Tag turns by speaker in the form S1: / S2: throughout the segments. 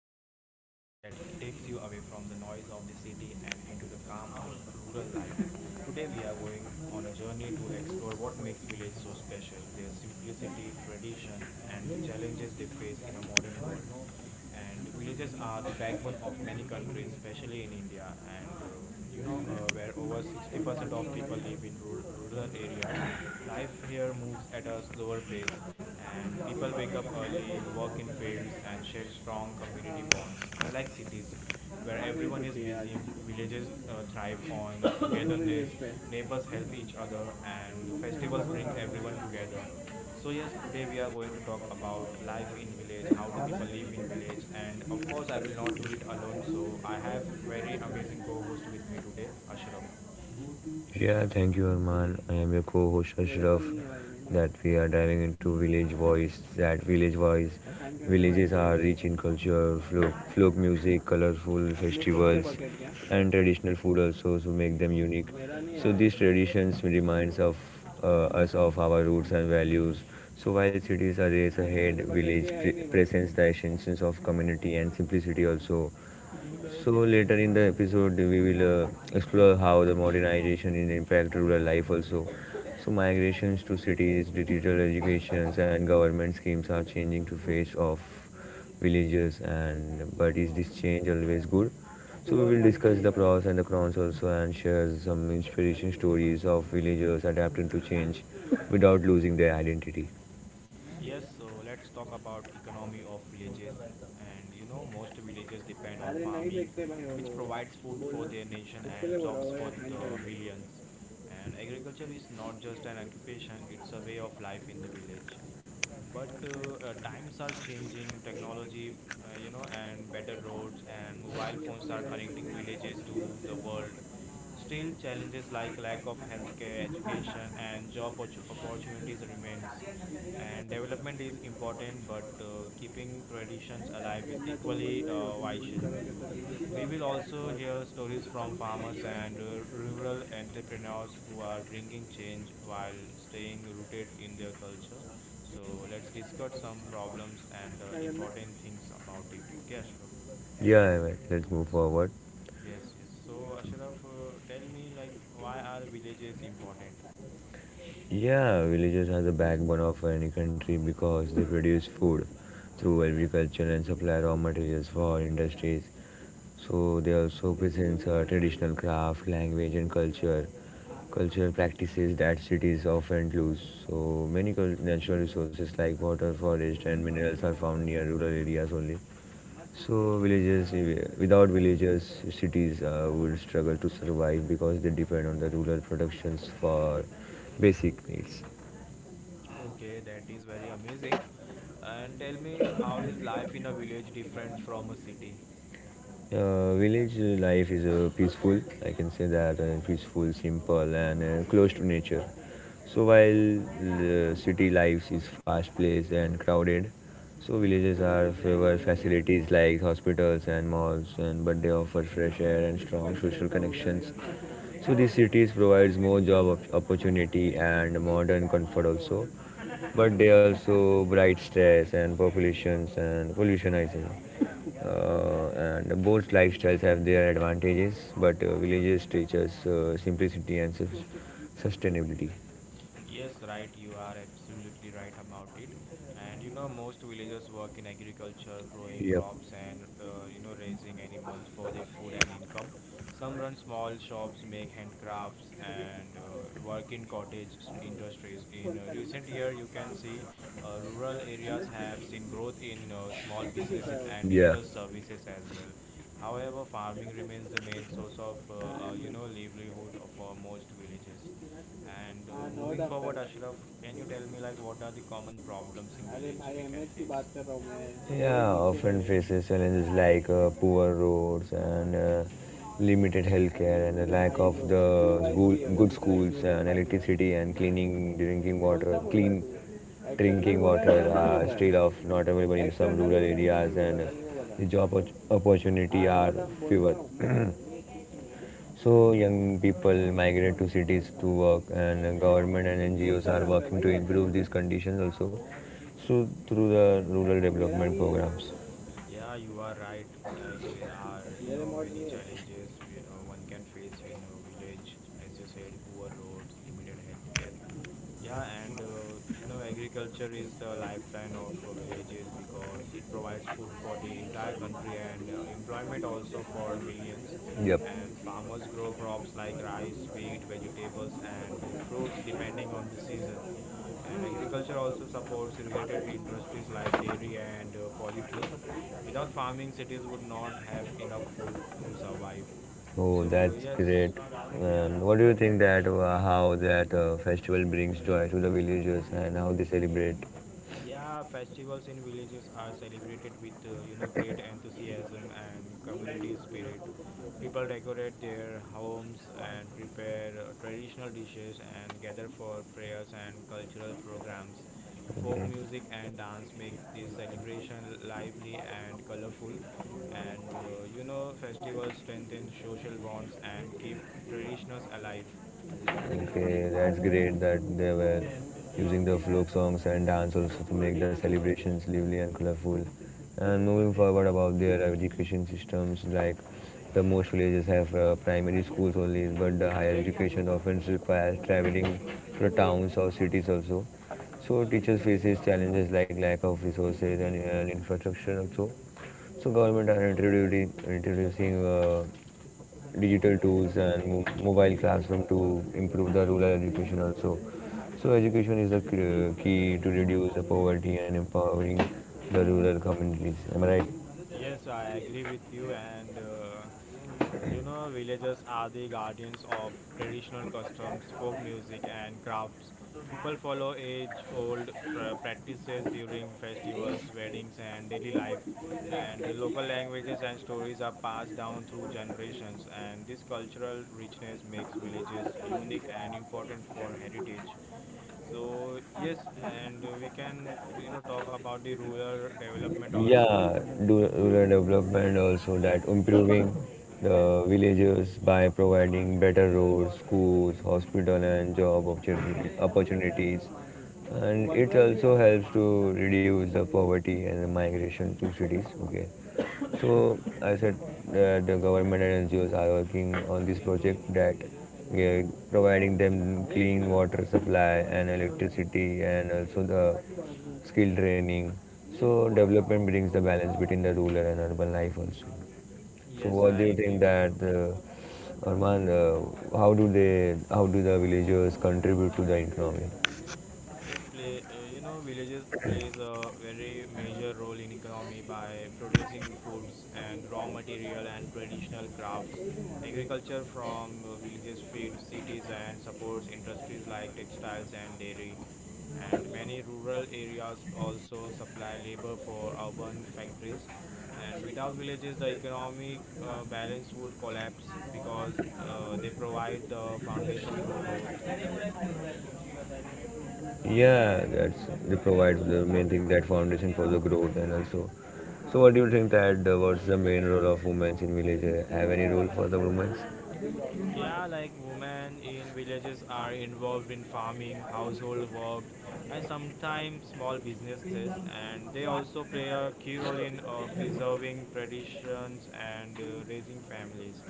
S1: This is the podcast that takes you away from the noise of the city and into the calm of rural life. Today we are going on a journey to explore what makes village so special, their simplicity, tradition, and the challenges they face in a modern world, and villages are the backbone of many countries, especially in india. And you know Where over 60% of people live in rural areas, life here moves at a slower pace, and people wake up early, work in fields, and share strong community bonds. Unlike cities where everyone is busy, villages thrive on togetherness. Neighbors help each other and festivals bring everyone together. So yes, today we are going to talk about life in village, how do people live in village, and of course I will not do it alone. So I have very amazing co-host with me today, Ashraf.
S2: Yeah, thank you, Arman. I am your co-host Ashraf. That we are diving into village voice. That village voice, villages are rich in culture, folk music, colorful festivals, and traditional food also to make them unique. So these traditions reminds of us of our roots and values. So while cities are raised ahead, presents the essence of community and simplicity also. So later in the episode, we will explore how the modernization in impact rural life also. So migrations to cities, digital educations, and government schemes are changing to face of villages. And but is this change always good? So we will discuss the pros and the cons also, and share some inspiration stories of villagers adapting to change without losing their identity.
S1: Yes, so let's talk about economy of villages. And you know, most villages depend on farming, which provides food for their nation and jobs for the millions. And agriculture is not just an occupation, it's a way of life in the village. But times are changing. Technology, and better roads and mobile phones are connecting villages to the world. Still, challenges like lack of healthcare, education, and job opportunities remains, and development is important, but keeping traditions alive is equally vital. We will also hear stories from farmers and rural entrepreneurs who are bringing change while staying rooted in their culture. So let's discuss some problems and important things about it, okay Ashraf?
S2: Yeah, let's move forward.
S1: Yes yes so Ashraf, tell me, like, why are villages important?
S2: Yeah, villages are the backbone of any country because they produce food through agriculture and supply raw materials for industries. So they also present traditional craft, language, and culture, cultural practices that cities often lose. So many natural resources like water, forest, and minerals are found near rural areas only. So villages, eh, without villages, cities would struggle to survive because they depend on the rural productions for basic needs.
S1: Okay, that is very amazing. And tell me, how is life in a village different from a city?
S2: Village life is peaceful, I can say that, and peaceful, simple, and close to nature. So while the city life is fast-paced and crowded, so villages are favor facilities like hospitals and malls, and but they offer fresh air and strong social connections. So these cities provides more opportunity and modern comfort also, but they also bright stress and populations and pollution I think. And both lifestyles have their advantages, but villages teach us simplicity and sustainability.
S1: Yes, right. You are absolutely right about it. And you know, most villagers work in agriculture, growing
S2: Yep.
S1: crops and, raising animals for their food and income. Some run small shops, make handcrafts, and work in industries. In recent year, you can see rural areas have seen growth in small businesses and
S2: Yeah.
S1: digital services as well. However, farming remains the main source of, livelihood for most villages. And moving forward, Ashraf, can you tell me, like, what are the common problems in village we can face?
S2: Yeah, often faces challenges like poor roads and limited healthcare and the lack of the school, good schools and electricity and cleaning drinking water, clean drinking water या are still of not available in some rural areas and the opportunity are fewer. So young people migrate to cities to work, and government and NGOs बोलता are working to improve these conditions also. So through the rural development programs.
S1: Yeah, you are right. Like, there are, you know, many challenges one can face in a village, as you said, poor roads, limited healthcare. Yeah, and you know, agriculture is the lifeline of villages because it provides food for the entire country and employment also for millions.
S2: Yep.
S1: And farmers grow crops like rice, wheat, vegetables, and fruits depending on the season. And agriculture also supports related industries like dairy and poultry. Without farming, cities would not have enough food to survive.
S2: Oh,
S1: So,
S2: that's
S1: yes.
S2: great. And what do you think that how that festival brings joy to the villagers and how they celebrate?
S1: Yeah, festivals in villages are celebrated with you know, great enthusiasm and community spirit. People decorate their homes and prepare traditional dishes and gather for prayers and cultural programs. Folk
S2: Okay.
S1: music and dance make this celebration lively and colorful. And you know, festivals strengthen social bonds and keep traditions alive.
S2: Okay, that's great that they were using the folk songs and dance also to make the celebrations lively and colorful. And moving forward about their education systems, like the most villages have primary schools only, but the higher education often requires traveling to towns or cities also. So teachers faces challenges like lack of resources and infrastructure also. So government are introducing digital tools and mobile classroom to improve the rural education also. So education is the key to reduce the poverty and empowering the rural communities. Am I right?
S1: Yes, I agree with you, and you know, villagers are the guardians of traditional customs, folk music, and crafts. People follow age old practices during festivals, weddings, and daily life. And the local languages and stories are passed down through generations, and this cultural richness makes villages unique and important for heritage. So, yes, and we can, you know, talk about the rural development also.
S2: Yeah, rural development also that improving the villages by providing better roads, schools, hospital, and opportunities. And it also helps to reduce the poverty and the migration to cities. Okay, so I said that the government and NGOs are working on this project that we are providing them clean water supply and electricity and also the skill training. So development brings the balance between the rural and urban life also. So
S1: Yes,
S2: what do
S1: I
S2: you
S1: agree
S2: think
S1: with
S2: that
S1: you.
S2: Arman, how do they, how do the villagers contribute to the economy?
S1: Yes, play. You know, villages plays a very major role in economy by producing foods and raw material and traditional crafts. Agriculture from villages feeds cities and supports industries like textiles and dairy. And many rural areas also supply labor for urban factories. And without villages, the economic balance would collapse because they provide the foundation for growth.
S2: Yeah, that's they provide the main thing that foundation for the growth and also. So what do you think that what's the main role of women in village? Have any role for the women?
S1: Yeah, like, women in villages are involved in farming, household work, and sometimes small businesses, and they also play a key role in preserving traditions and raising families.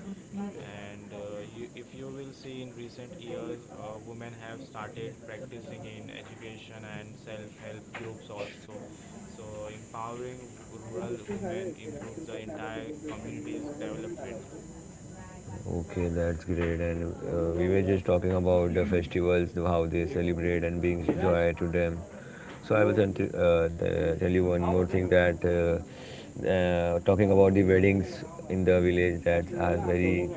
S1: And if you will see in recent years, women have started practicing in education and self help groups also. So, empowering rural women improves the entire community's development.
S2: Okay, that's great. And we were just talking about the festivals, the- how they celebrate and brings joy to them. So I will tell, tell you one more thing that talking about the weddings in the village that are very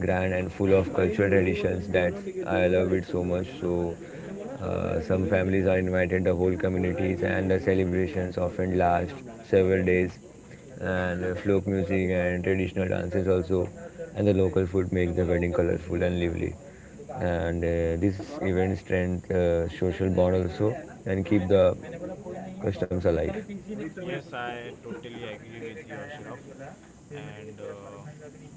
S2: grand and full of cultural traditions that I love it so much. So some families are invited, the whole communities, and the celebrations often last several days. And folk music and traditional dances also, and the local food makes the wedding colorful and lively. And these events strengthen social bond also and keep the customs alive.
S1: Yes, I totally agree with you, Ashraf. And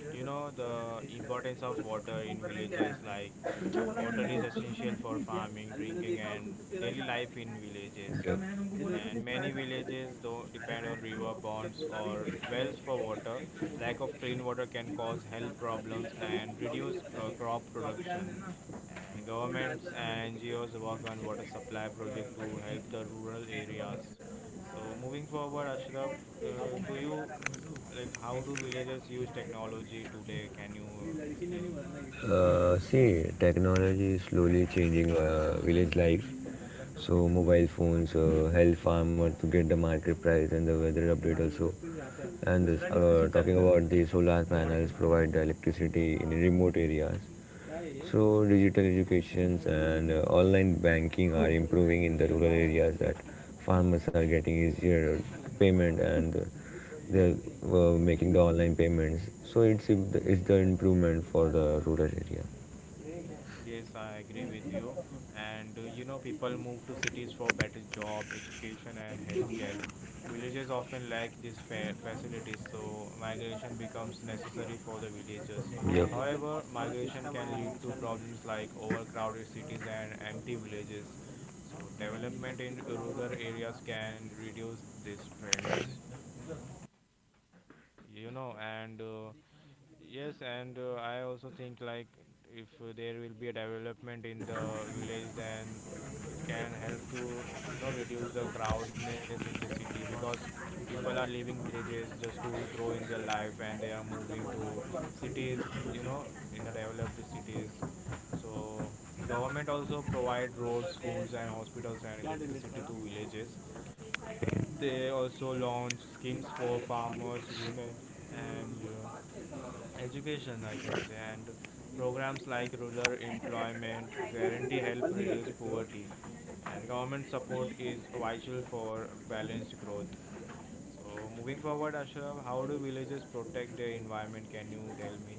S1: you know the importance of water in villages. Like, water is essential for farming, drinking, and daily life in villages,
S2: Yeah.
S1: and many villages do depend on river ponds or wells for water. Lack of clean water can cause health problems and reduce crop production, and governments and NGOs work on water supply project to help the rural areas. So moving forward, Ashraf, do you like, how do villages use technology today? Can you explain?
S2: See, technology is slowly changing village life. So mobile phones help farmer to get the market price and the weather update also. And this, talking about the solar panels provide the electricity in remote areas. So digital educations and online banking are improving in the rural areas that farmers are getting easier payment and they're making the online payments. So it's if the, it's the improvement for the rural area.
S1: Yes, I agree with you. And you know, people move to cities for better job, education, and healthcare. Villages often lack these facilities, so migration becomes necessary for the villagers.
S2: Yep.
S1: However, migration can lead to problems like overcrowded cities and empty villages. So, development in rural areas can reduce these trends, you know and yes. And I also think, like, if there will be a development in the village, then it can help to, you know, reduce the crowdness in the city, because people are leaving villages just to grow in their life and they are moving to cities, you know, in the developed cities. So government also provide roads, schools, and hospitals and electricity to villages. They also launch schemes for farmers, women, and education, I can say, and programs like rural employment guarantee help reduce poverty, and government support is vital for balanced growth. So, moving forward, Ashraf, how do villages protect their environment? Can you tell me?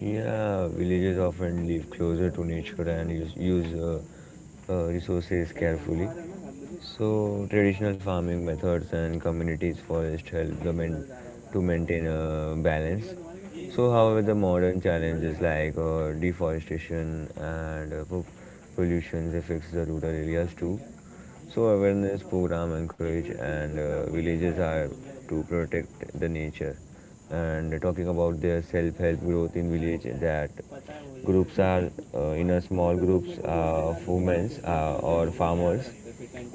S2: Yeah, villagers often live closer to nature and use resources carefully. So, traditional farming methods and communities forest help the men to maintain a balance. So, however, the modern challenges like deforestation and pollution affects the rural areas too. So awareness program encourage and villages are to protect the nature and talking about their self-help growth in village that groups are in a small groups of women or farmers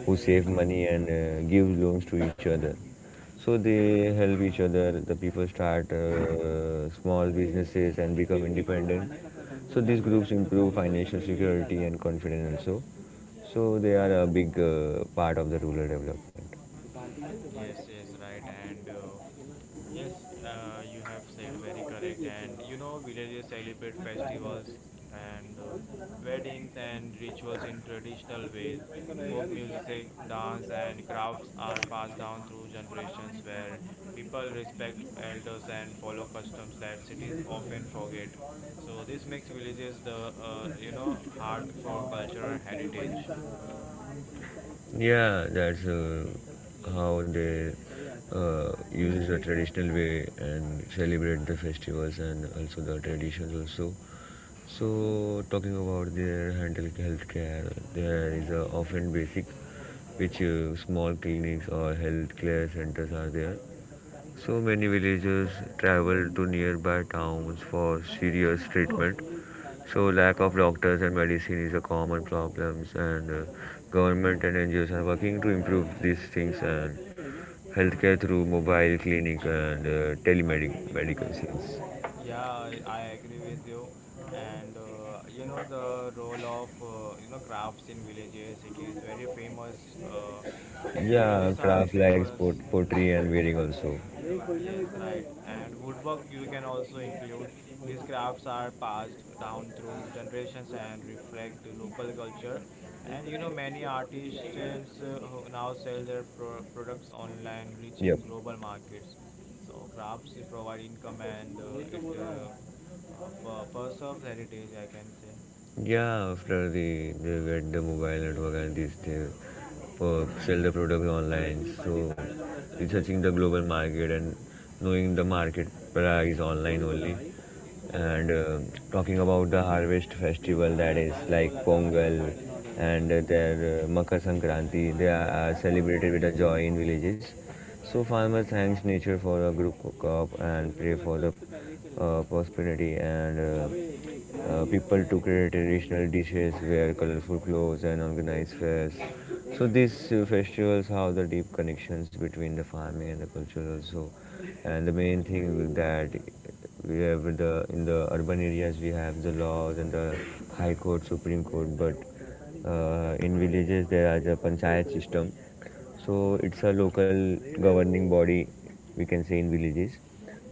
S2: who save money and give loans to each other so they help each other the people start small businesses and become independent so these groups improve financial security and confidence also so they are a big part of the rural development.
S1: Yes, yes, right, and yes, you have said very correct. And you know, villages celebrate festivals and weddings and rituals in traditional ways. Folk music, dance, and crafts are passed down through generations, where people respect elders and follow customs that cities often forget. So this makes villages the, you know, heart for cultural heritage.
S2: Yeah, that's how they use the traditional way and celebrate the festivals and also the traditions also. So talking about their handle healthcare, there is often basic, which small clinics or healthcare centers are there. So many villagers travel to nearby towns for serious treatment. So lack of doctors and medicine is a common problem, and government and NGOs are working to improve these things and healthcare through mobile clinic and telemedic medicines.
S1: Yeah, I agree with you. And you know the role of, you know, crafts in villages. It is very famous, uh, and the
S2: Yeah,
S1: villages are
S2: craft like
S1: famous.
S2: pottery and weaving also.
S1: Yes, right. And woodwork you can also include. These crafts are passed down through generations and reflect local culture. And you know, many artisans who now sell their products online, reaching
S2: Yep.
S1: global markets. So crafts provide income and preserves heritage, I can say.
S2: Yeah, after the they get the mobile network and this they sell the product online. So researching the global market and knowing the market price online only, and talking about the harvest festival that is like Pongal and their Makar Sankranti. They are celebrated with a joy in villages. So farmer thanks nature for a good crop and pray for the prosperity and people to create traditional dishes, wear colorful clothes, and organize fairs. So these festivals have the deep connections between the farming and the culture also. And the main thing with that we have the in the urban areas we have the laws and the high court, supreme court, but in villages there is a panchayat system so it's a local governing body, we can say in villages.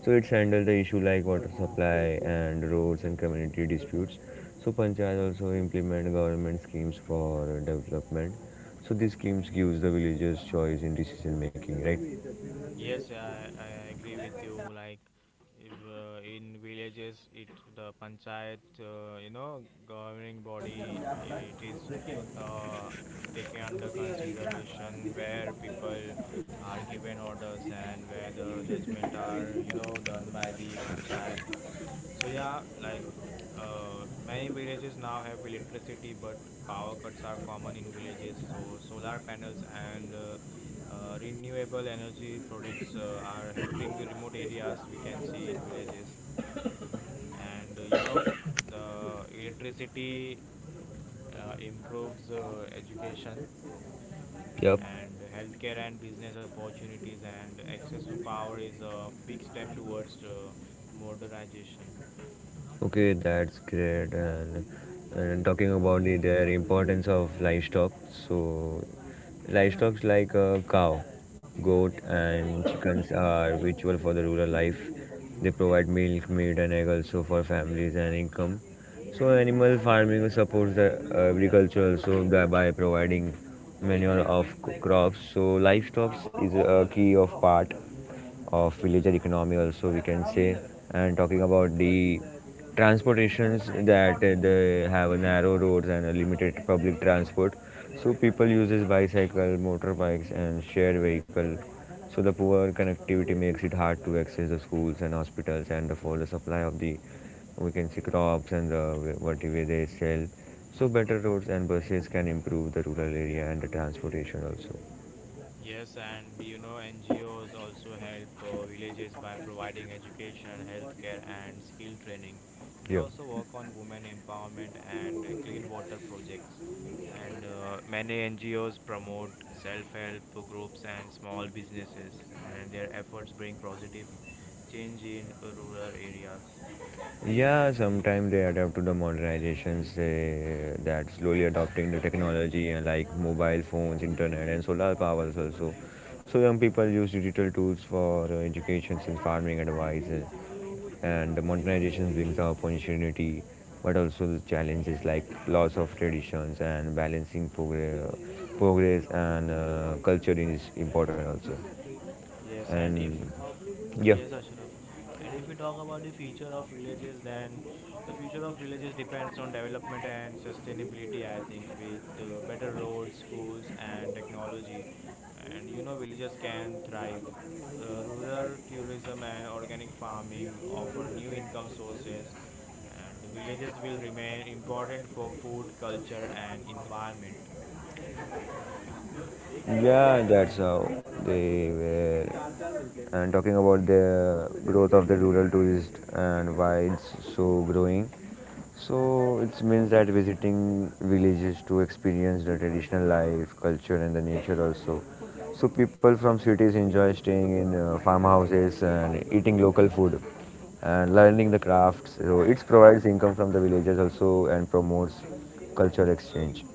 S2: So it's handle the issue like water supply and roads and community disputes. So panchayat also implement government schemes for development. So these schemes gives the villagers choice in decision making, right?
S1: Yes, I agree with you. Like, if, in villages, it the panchayat, you know, governing body, it is uh, taken under consideration, where people are given orders and where the judgment are, you know, done by the panchayat. So yeah, like, many villages now have electricity, but power cuts are common in villages. So solar panels and renewable energy products are helping remote areas, we can see in villages. And you know, the electricity improves education
S2: Yep.
S1: and healthcare and business opportunities, and access to power is a big step towards modernization.
S2: Okay, that's great. And talking about the their importance of livestock, so livestock like a cow, goat, and chickens are vital for the rural life. They provide milk, meat, and egg also for families and income. So animal farming supports the agriculture also that by providing manure of crops. So livestock is a key of part of villager economy also we can say and talking about the transportations that they have narrow roads and a limited public transport so people uses bicycle motorbikes and shared vehicle so the poor connectivity makes it hard to access the schools and hospitals and for the supply of the we can see crops and the whatever they sell so better roads and buses can improve the rural area and the transportation also
S1: Yes, and you know, NGOs also help villages by providing education, healthcare, and skill training. They
S2: yeah.
S1: also work on women empowerment and clean water projects. And many NGOs promote self help groups and small businesses, and their efforts bring positive change in rural areas.
S2: Yeah, sometimes they adapt to the modernizations they, that slowly adopting the technology and like mobile phones, internet, and solar powers also. So young people use digital tools for educations and farming advice, and the modernization brings the opportunity, but also the challenges like loss of traditions and balancing progress and culture is important also.
S1: Yes, and if
S2: And yeah.
S1: yes, Ashraf, and if we talk about the future of villages, then the future of villages depends on development and sustainability. I think with better roads, schools, and technology, and you know, villages can thrive. Rural tourism and organic farming offer new income sources, and villages will remain important for food, culture, and environment.
S2: Yeah, that's how they were. And talking about the growth of the rural tourist and why it's so growing. So it means that visiting villages to experience the traditional life, culture, and the nature also. So people from cities enjoy staying in farmhouses and eating local food and learning the crafts. So it provides income from the villages also and promotes culture exchange.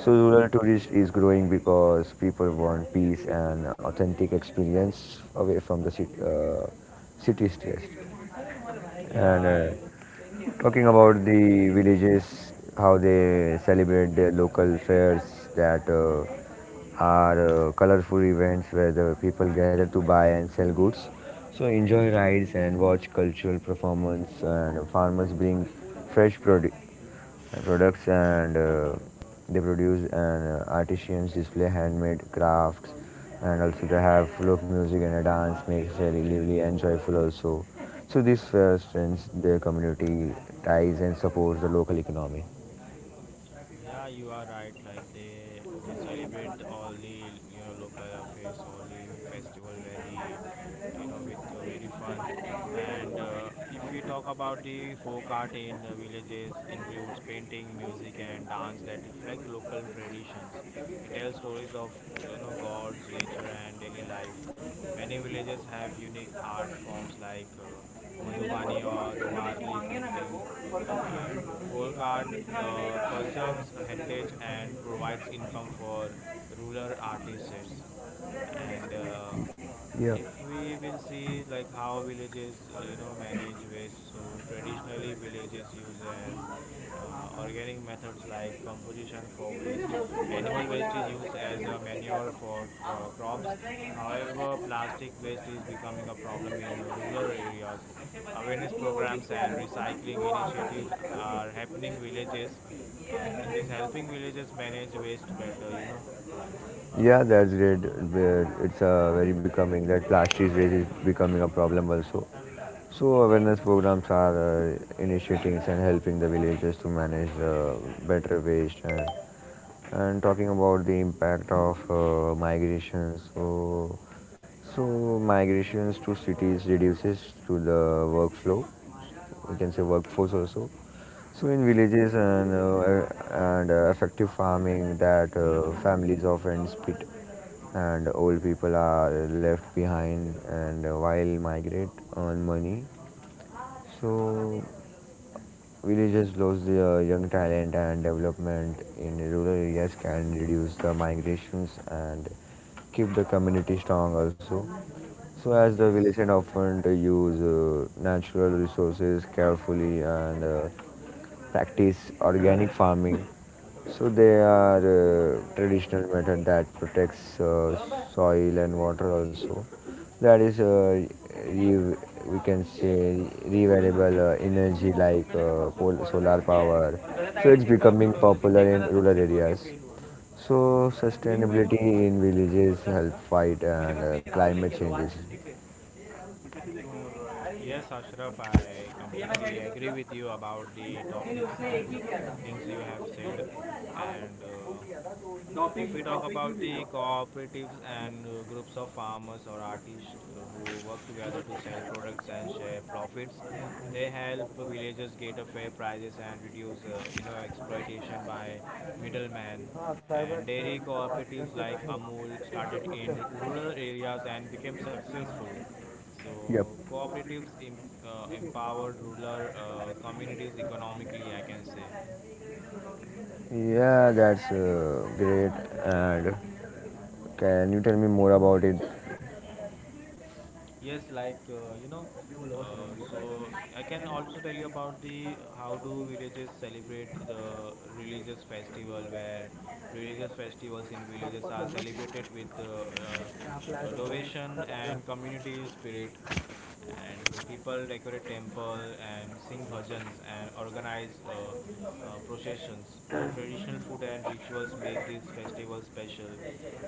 S2: So rural tourism is growing because people want peace and authentic experience away from the city, city stress.
S1: Yeah.
S2: And
S1: I,
S2: talking about the villages, how they celebrate their local fairs that are colorful events where the people gather to buy and sell goods. So enjoy rides and watch cultural performance, and farmers bring fresh produce products, and they produce, and artisans display handmade crafts, and also they have folk music and a dance makes it lively and joyful also. So this strengthens their community ties and supports the local economy.
S1: Yeah, you are right. Like, they celebrate all the, you know, local affairs, all the festival very, you know, with very fun. And if we talk about the folk art in villages, includes painting, music, and dance that reflect local traditions. It tells stories of, you know, gods, nature, and daily life. Many villages have unique art forms like Madhubani or Warli painting, and folk art preserves heritage and provides income for rural artists. And
S2: Yeah,
S1: If we will see like how villages manage waste, so traditionally villages use as organic methods like composition for waste. Animal waste is used as a manure for crops. However, plastic waste is becoming a problem in rural areas. Awareness programs and recycling initiatives are happening villages, and it is helping villages manage waste better, you know.
S2: yeah, that's great. It's very becoming that plastic waste is really becoming a problem also. So awareness programs are initiating and helping the villagers to manage better waste. And talking about the impact of migration, so migrations to cities reduces to the workflow, we can say workforce also. So in villages and effective farming, that families often split and old people are left behind, and while migrate, earn money. So villages lose their young talent, and development in rural areas can reduce the migrations and keep the community strong also. So, as the
S1: Yes,
S2: village and often use natural resources carefully and practice organic farming. So they are traditional method that protects soil and water also. That is re- we can say renewable energy like solar power. So it's becoming popular in rural areas. So sustainability in villages help fight and climate changes.
S1: yes, Ashraf, I completely agree with you about the topics and things you have said. And if we talk about the cooperatives, and groups of farmers or artists who work together to sell products and share profits, they help villagers get a fair prices and reduce exploitation by middlemen. And dairy cooperatives like Amul started in rural areas and became successful.
S2: Yep.
S1: So cooperatives empower rural communities economically, I can say.
S2: Yeah, that's great. And can you tell me more about it?
S1: Yes, like uh, you know, uh, so I can also tell you about the how do villages celebrate the religious festival, where religious festivals in villages are celebrated with devotion and community spirit. And the people decorate temple and sing bhajans, and organize processions. The traditional food and rituals make these festivals special.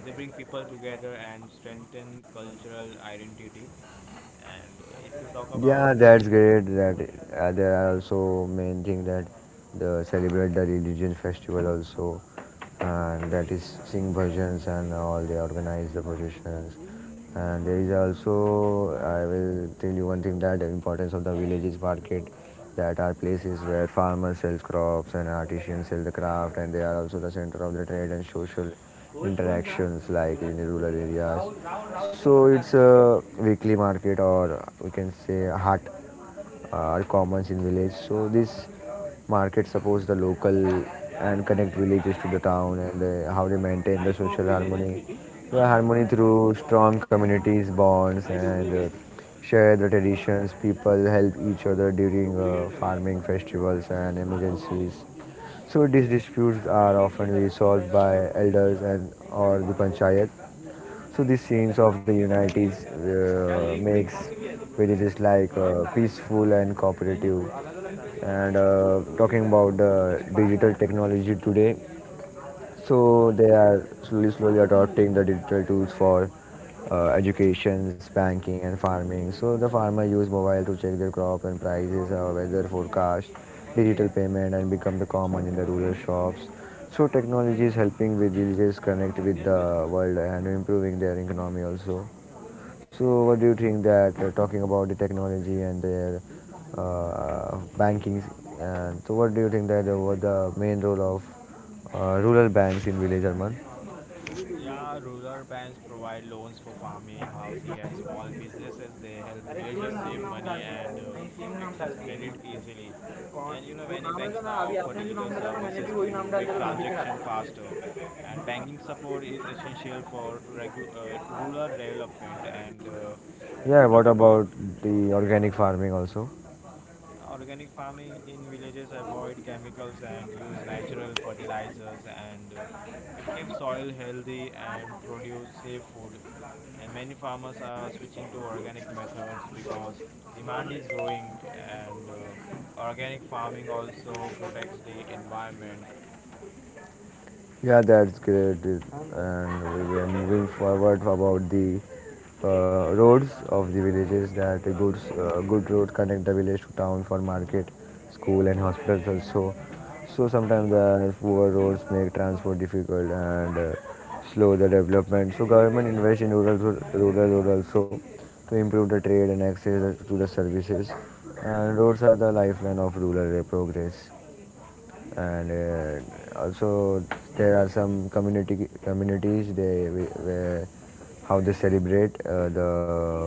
S1: They bring people together and strengthen cultural identity. And if you talk about
S2: Yeah,
S1: the
S2: that's great. That There are also main thing that the celebrate the religion festival also, and that is sing bhajans and all. They organize the processions, and there is also I will tell you one thing that the importance of the villages market, that are places where farmers sell crops and artisans sell the craft, and they are also the center of the trade and social interactions like in the rural areas. So it's a weekly market, or we can say a hut or commons in village. So this market supports the local and connect villages to the town. And how they maintain the social harmony, the harmony, through strong communities bonds and share the traditions. People help each other during farming festivals and emergencies. So these disputes are often resolved by elders and or the panchayat. So these scenes of the unities makes villages like peaceful and cooperative. And Talking about the digital technology today, so they are slowly, slowly adopting the digital tools for educations, banking, and farming. So the farmer use mobile to check their crop and prices, weather forecast, digital payment, and become the common in the rural shops. So technology is helping with villages connect with the world and improving their economy also. So, what do you think that talking about the technology and their banking, and so what do you think that what the main role of rural banks in village urban?
S1: Yeah, rural banks provide loans for farming, housing, and small businesses. They help villagers save money and access credit easily. And you know, many banks now offer digital services to make transaction faster. And banking support is essential for rural development. And if we
S2: Yeah,
S1: talk
S2: what
S1: about
S2: about the organic farming also?
S1: organic farming in villages, avoid chemicals and use natural fertilizers, and it keeps soil healthy and produce safe food. And many farmers are switching to organic methods because demand is growing, and organic farming also protects the environment.
S2: Yeah, that's great. It- And we were moving forward about the roads of the villages, that a good road connect the village to town for market, school and hospitals also. So sometimes the poor roads make transport difficult and slow the development. So government invest in rural road also, to improve the trade and access to the services. And roads are the lifeline of rural progress, and also there are some community communities they, where, how they celebrate the,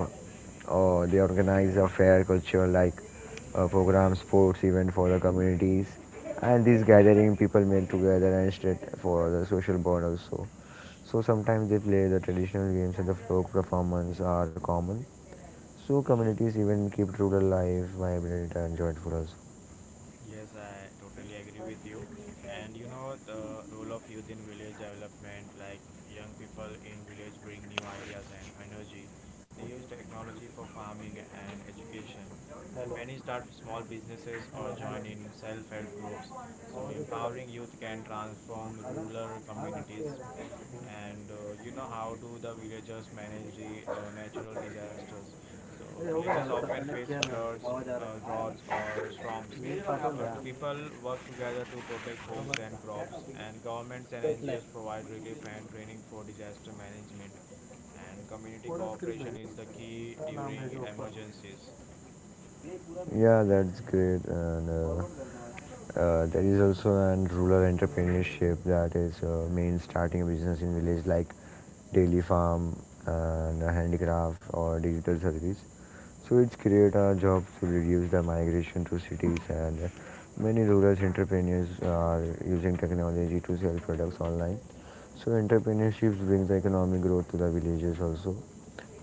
S2: or they organize a fair culture like program sports event for the communities, and these gathering people meet together and straight for the social bond also. So sometimes they play the traditional games and the folk performance are common. So communities even keep rural life vibrant and joyful also.
S1: Yes, I totally agree with you. And you know, the role of youth in village development, like young people in village bring new ideas and energy. They use technology for farming and education, and many start small businesses or join in self help groups. So, empowering youth can transform rural communities. And You know, how do the villagers manage the natural disasters? So villagers often face floods, droughts or storms, but people work together to protect homes and crops, and governments and NGOs provide relief and training for disaster management. And community cooperation is the key during emergencies.
S2: Yeah, that's great. And There is also an rural entrepreneurship, that is main starting a business in village like daily farm and handicraft or digital service. So it's create a job to reduce the migration to cities, and many rural entrepreneurs are using technology to sell products online. So entrepreneurship brings economic growth to the villages also.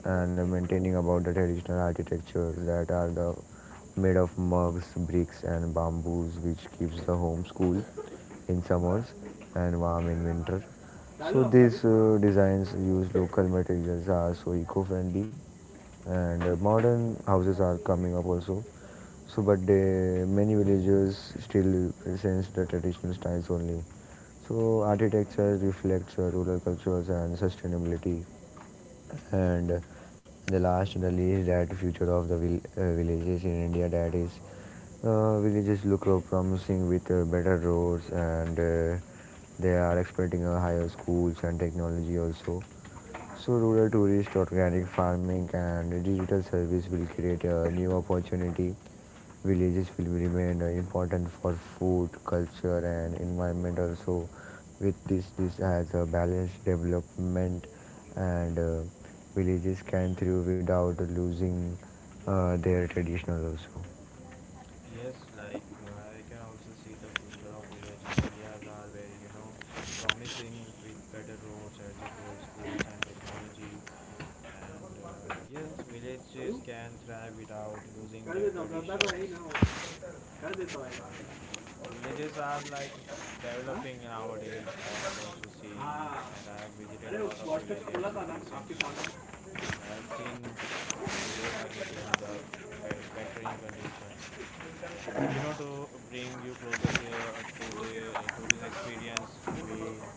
S2: And Maintaining about the traditional architectures that are the made of mugs, bricks, and bamboos, which keeps the home cool in summers and warm in winter. So these designs use local materials are so eco-friendly, and modern houses are coming up also. So, but they, many villagers still presents the traditional styles only. So architecture reflects rural cultures and sustainability. And The last and the least, that future of the villages in India. That is, villages look promising with better roads, and they are expecting higher schools and technology also. So rural tourist, organic farming and digital service will create a new opportunity. Villages will remain important for food, culture and environment also. With this, this has a balanced development, and villages can thrive without losing their traditional also.
S1: Yes, like I can also see the future of village in India's are very, you know, promising with better roads, as you told, schools and technology. And yes, villages can thrive without losing their traditions. Villages are like developing nowadays. I have also seen, and I have visited a lot of villages recently, and I have seen villagers are getting the better in conditions. And you know, to bring you closer to the to this experience, we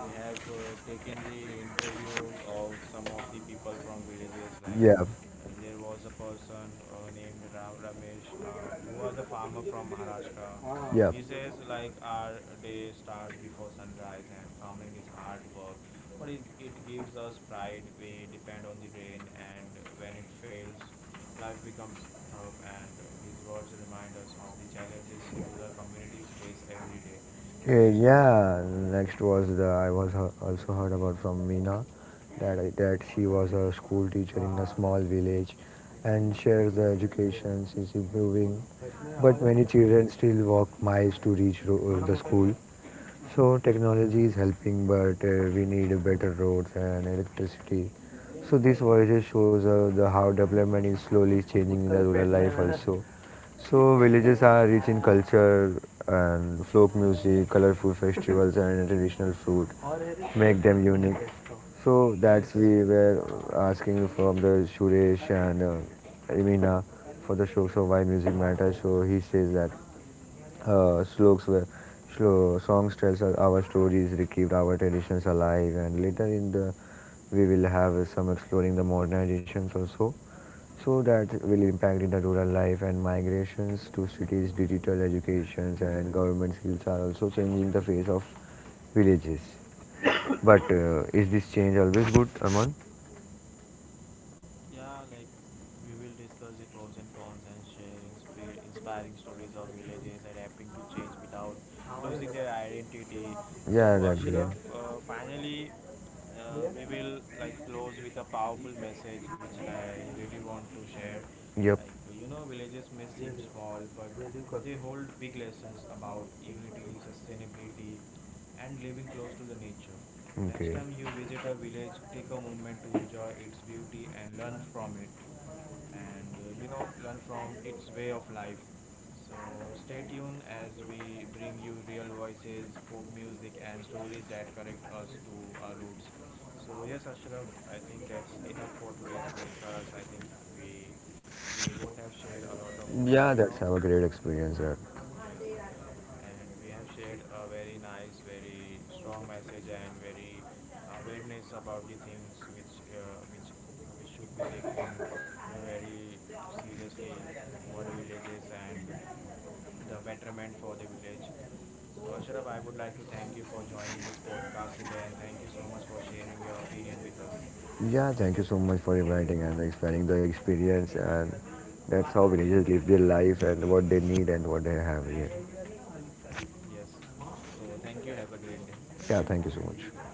S1: we have taken the interview of some of the people from villages. Like
S2: Yeah,
S1: there was a person named Ramesh, who was a farmer from Maharashtra.
S2: yeah.
S1: He says like our day starts before sunrise, and farming is hard work, but it gives us pride. We depend on the rain, and when it fails, life becomes tough. And His words remind us of the challenges rural communities face every day. And
S2: Yeah, next was the I was also heard about from Meena, that she was a school teacher in a small village, and shares the education is improving, but many children still walk miles to reach the school. So technology is helping, but we need better roads and electricity. So this voices shows the how development is slowly changing in the rural life also. So villages are rich in culture, and folk music, colorful festivals, and traditional food make them unique. So
S1: yes,
S2: that's we were asking from the Suresh and Amina for the show. So why music matters? So he says that uh, sloks were, songs tells us our stories, keep our traditions alive, and later in the we will have some exploring the modernizations also. So that will impact in the rural life and migrations to cities, digital educations and government skills are also changing the face of villages. But is this change always good, Aman?
S1: yeah, like we will discuss the pros and cons, and share inspiring stories of villages adapting to change without losing their identity.
S2: Yeah,
S1: So,
S2: that's Yeah.
S1: Ashraf, finally, we will like close with a powerful message which I really want to share.
S2: great. Yep.
S1: Like, you know, villages may seem small, but they hold big lessons about unity, sustainability, and living close to the nature. Next
S2: Okay.
S1: time you visit a village, take a moment to enjoy its beauty and learn from it, and you know, learn from its way of life. So, stay tuned as we bring you real voices, folk music, and stories that connect us to our roots. So, yes, Ashraf, I think that's enough for today's podcast. I think we we both have shared a lot of
S2: Yeah, that's our great experience. That.
S1: yes, and we have shared a very nice, very strong message, and very awareness about the things which should be taken very seriously about the villages and the betterment for the village. So Ashraf, I would like to thank you for joining this podcast today, and thank you so much for sharing your opinion with us.
S2: Yeah, thank you so much for inviting and expanding the experience, and that's how villagers live their life and what they need and what they have here.
S1: Yes. So thank you. Have a great day.
S2: Yeah, thank you so much.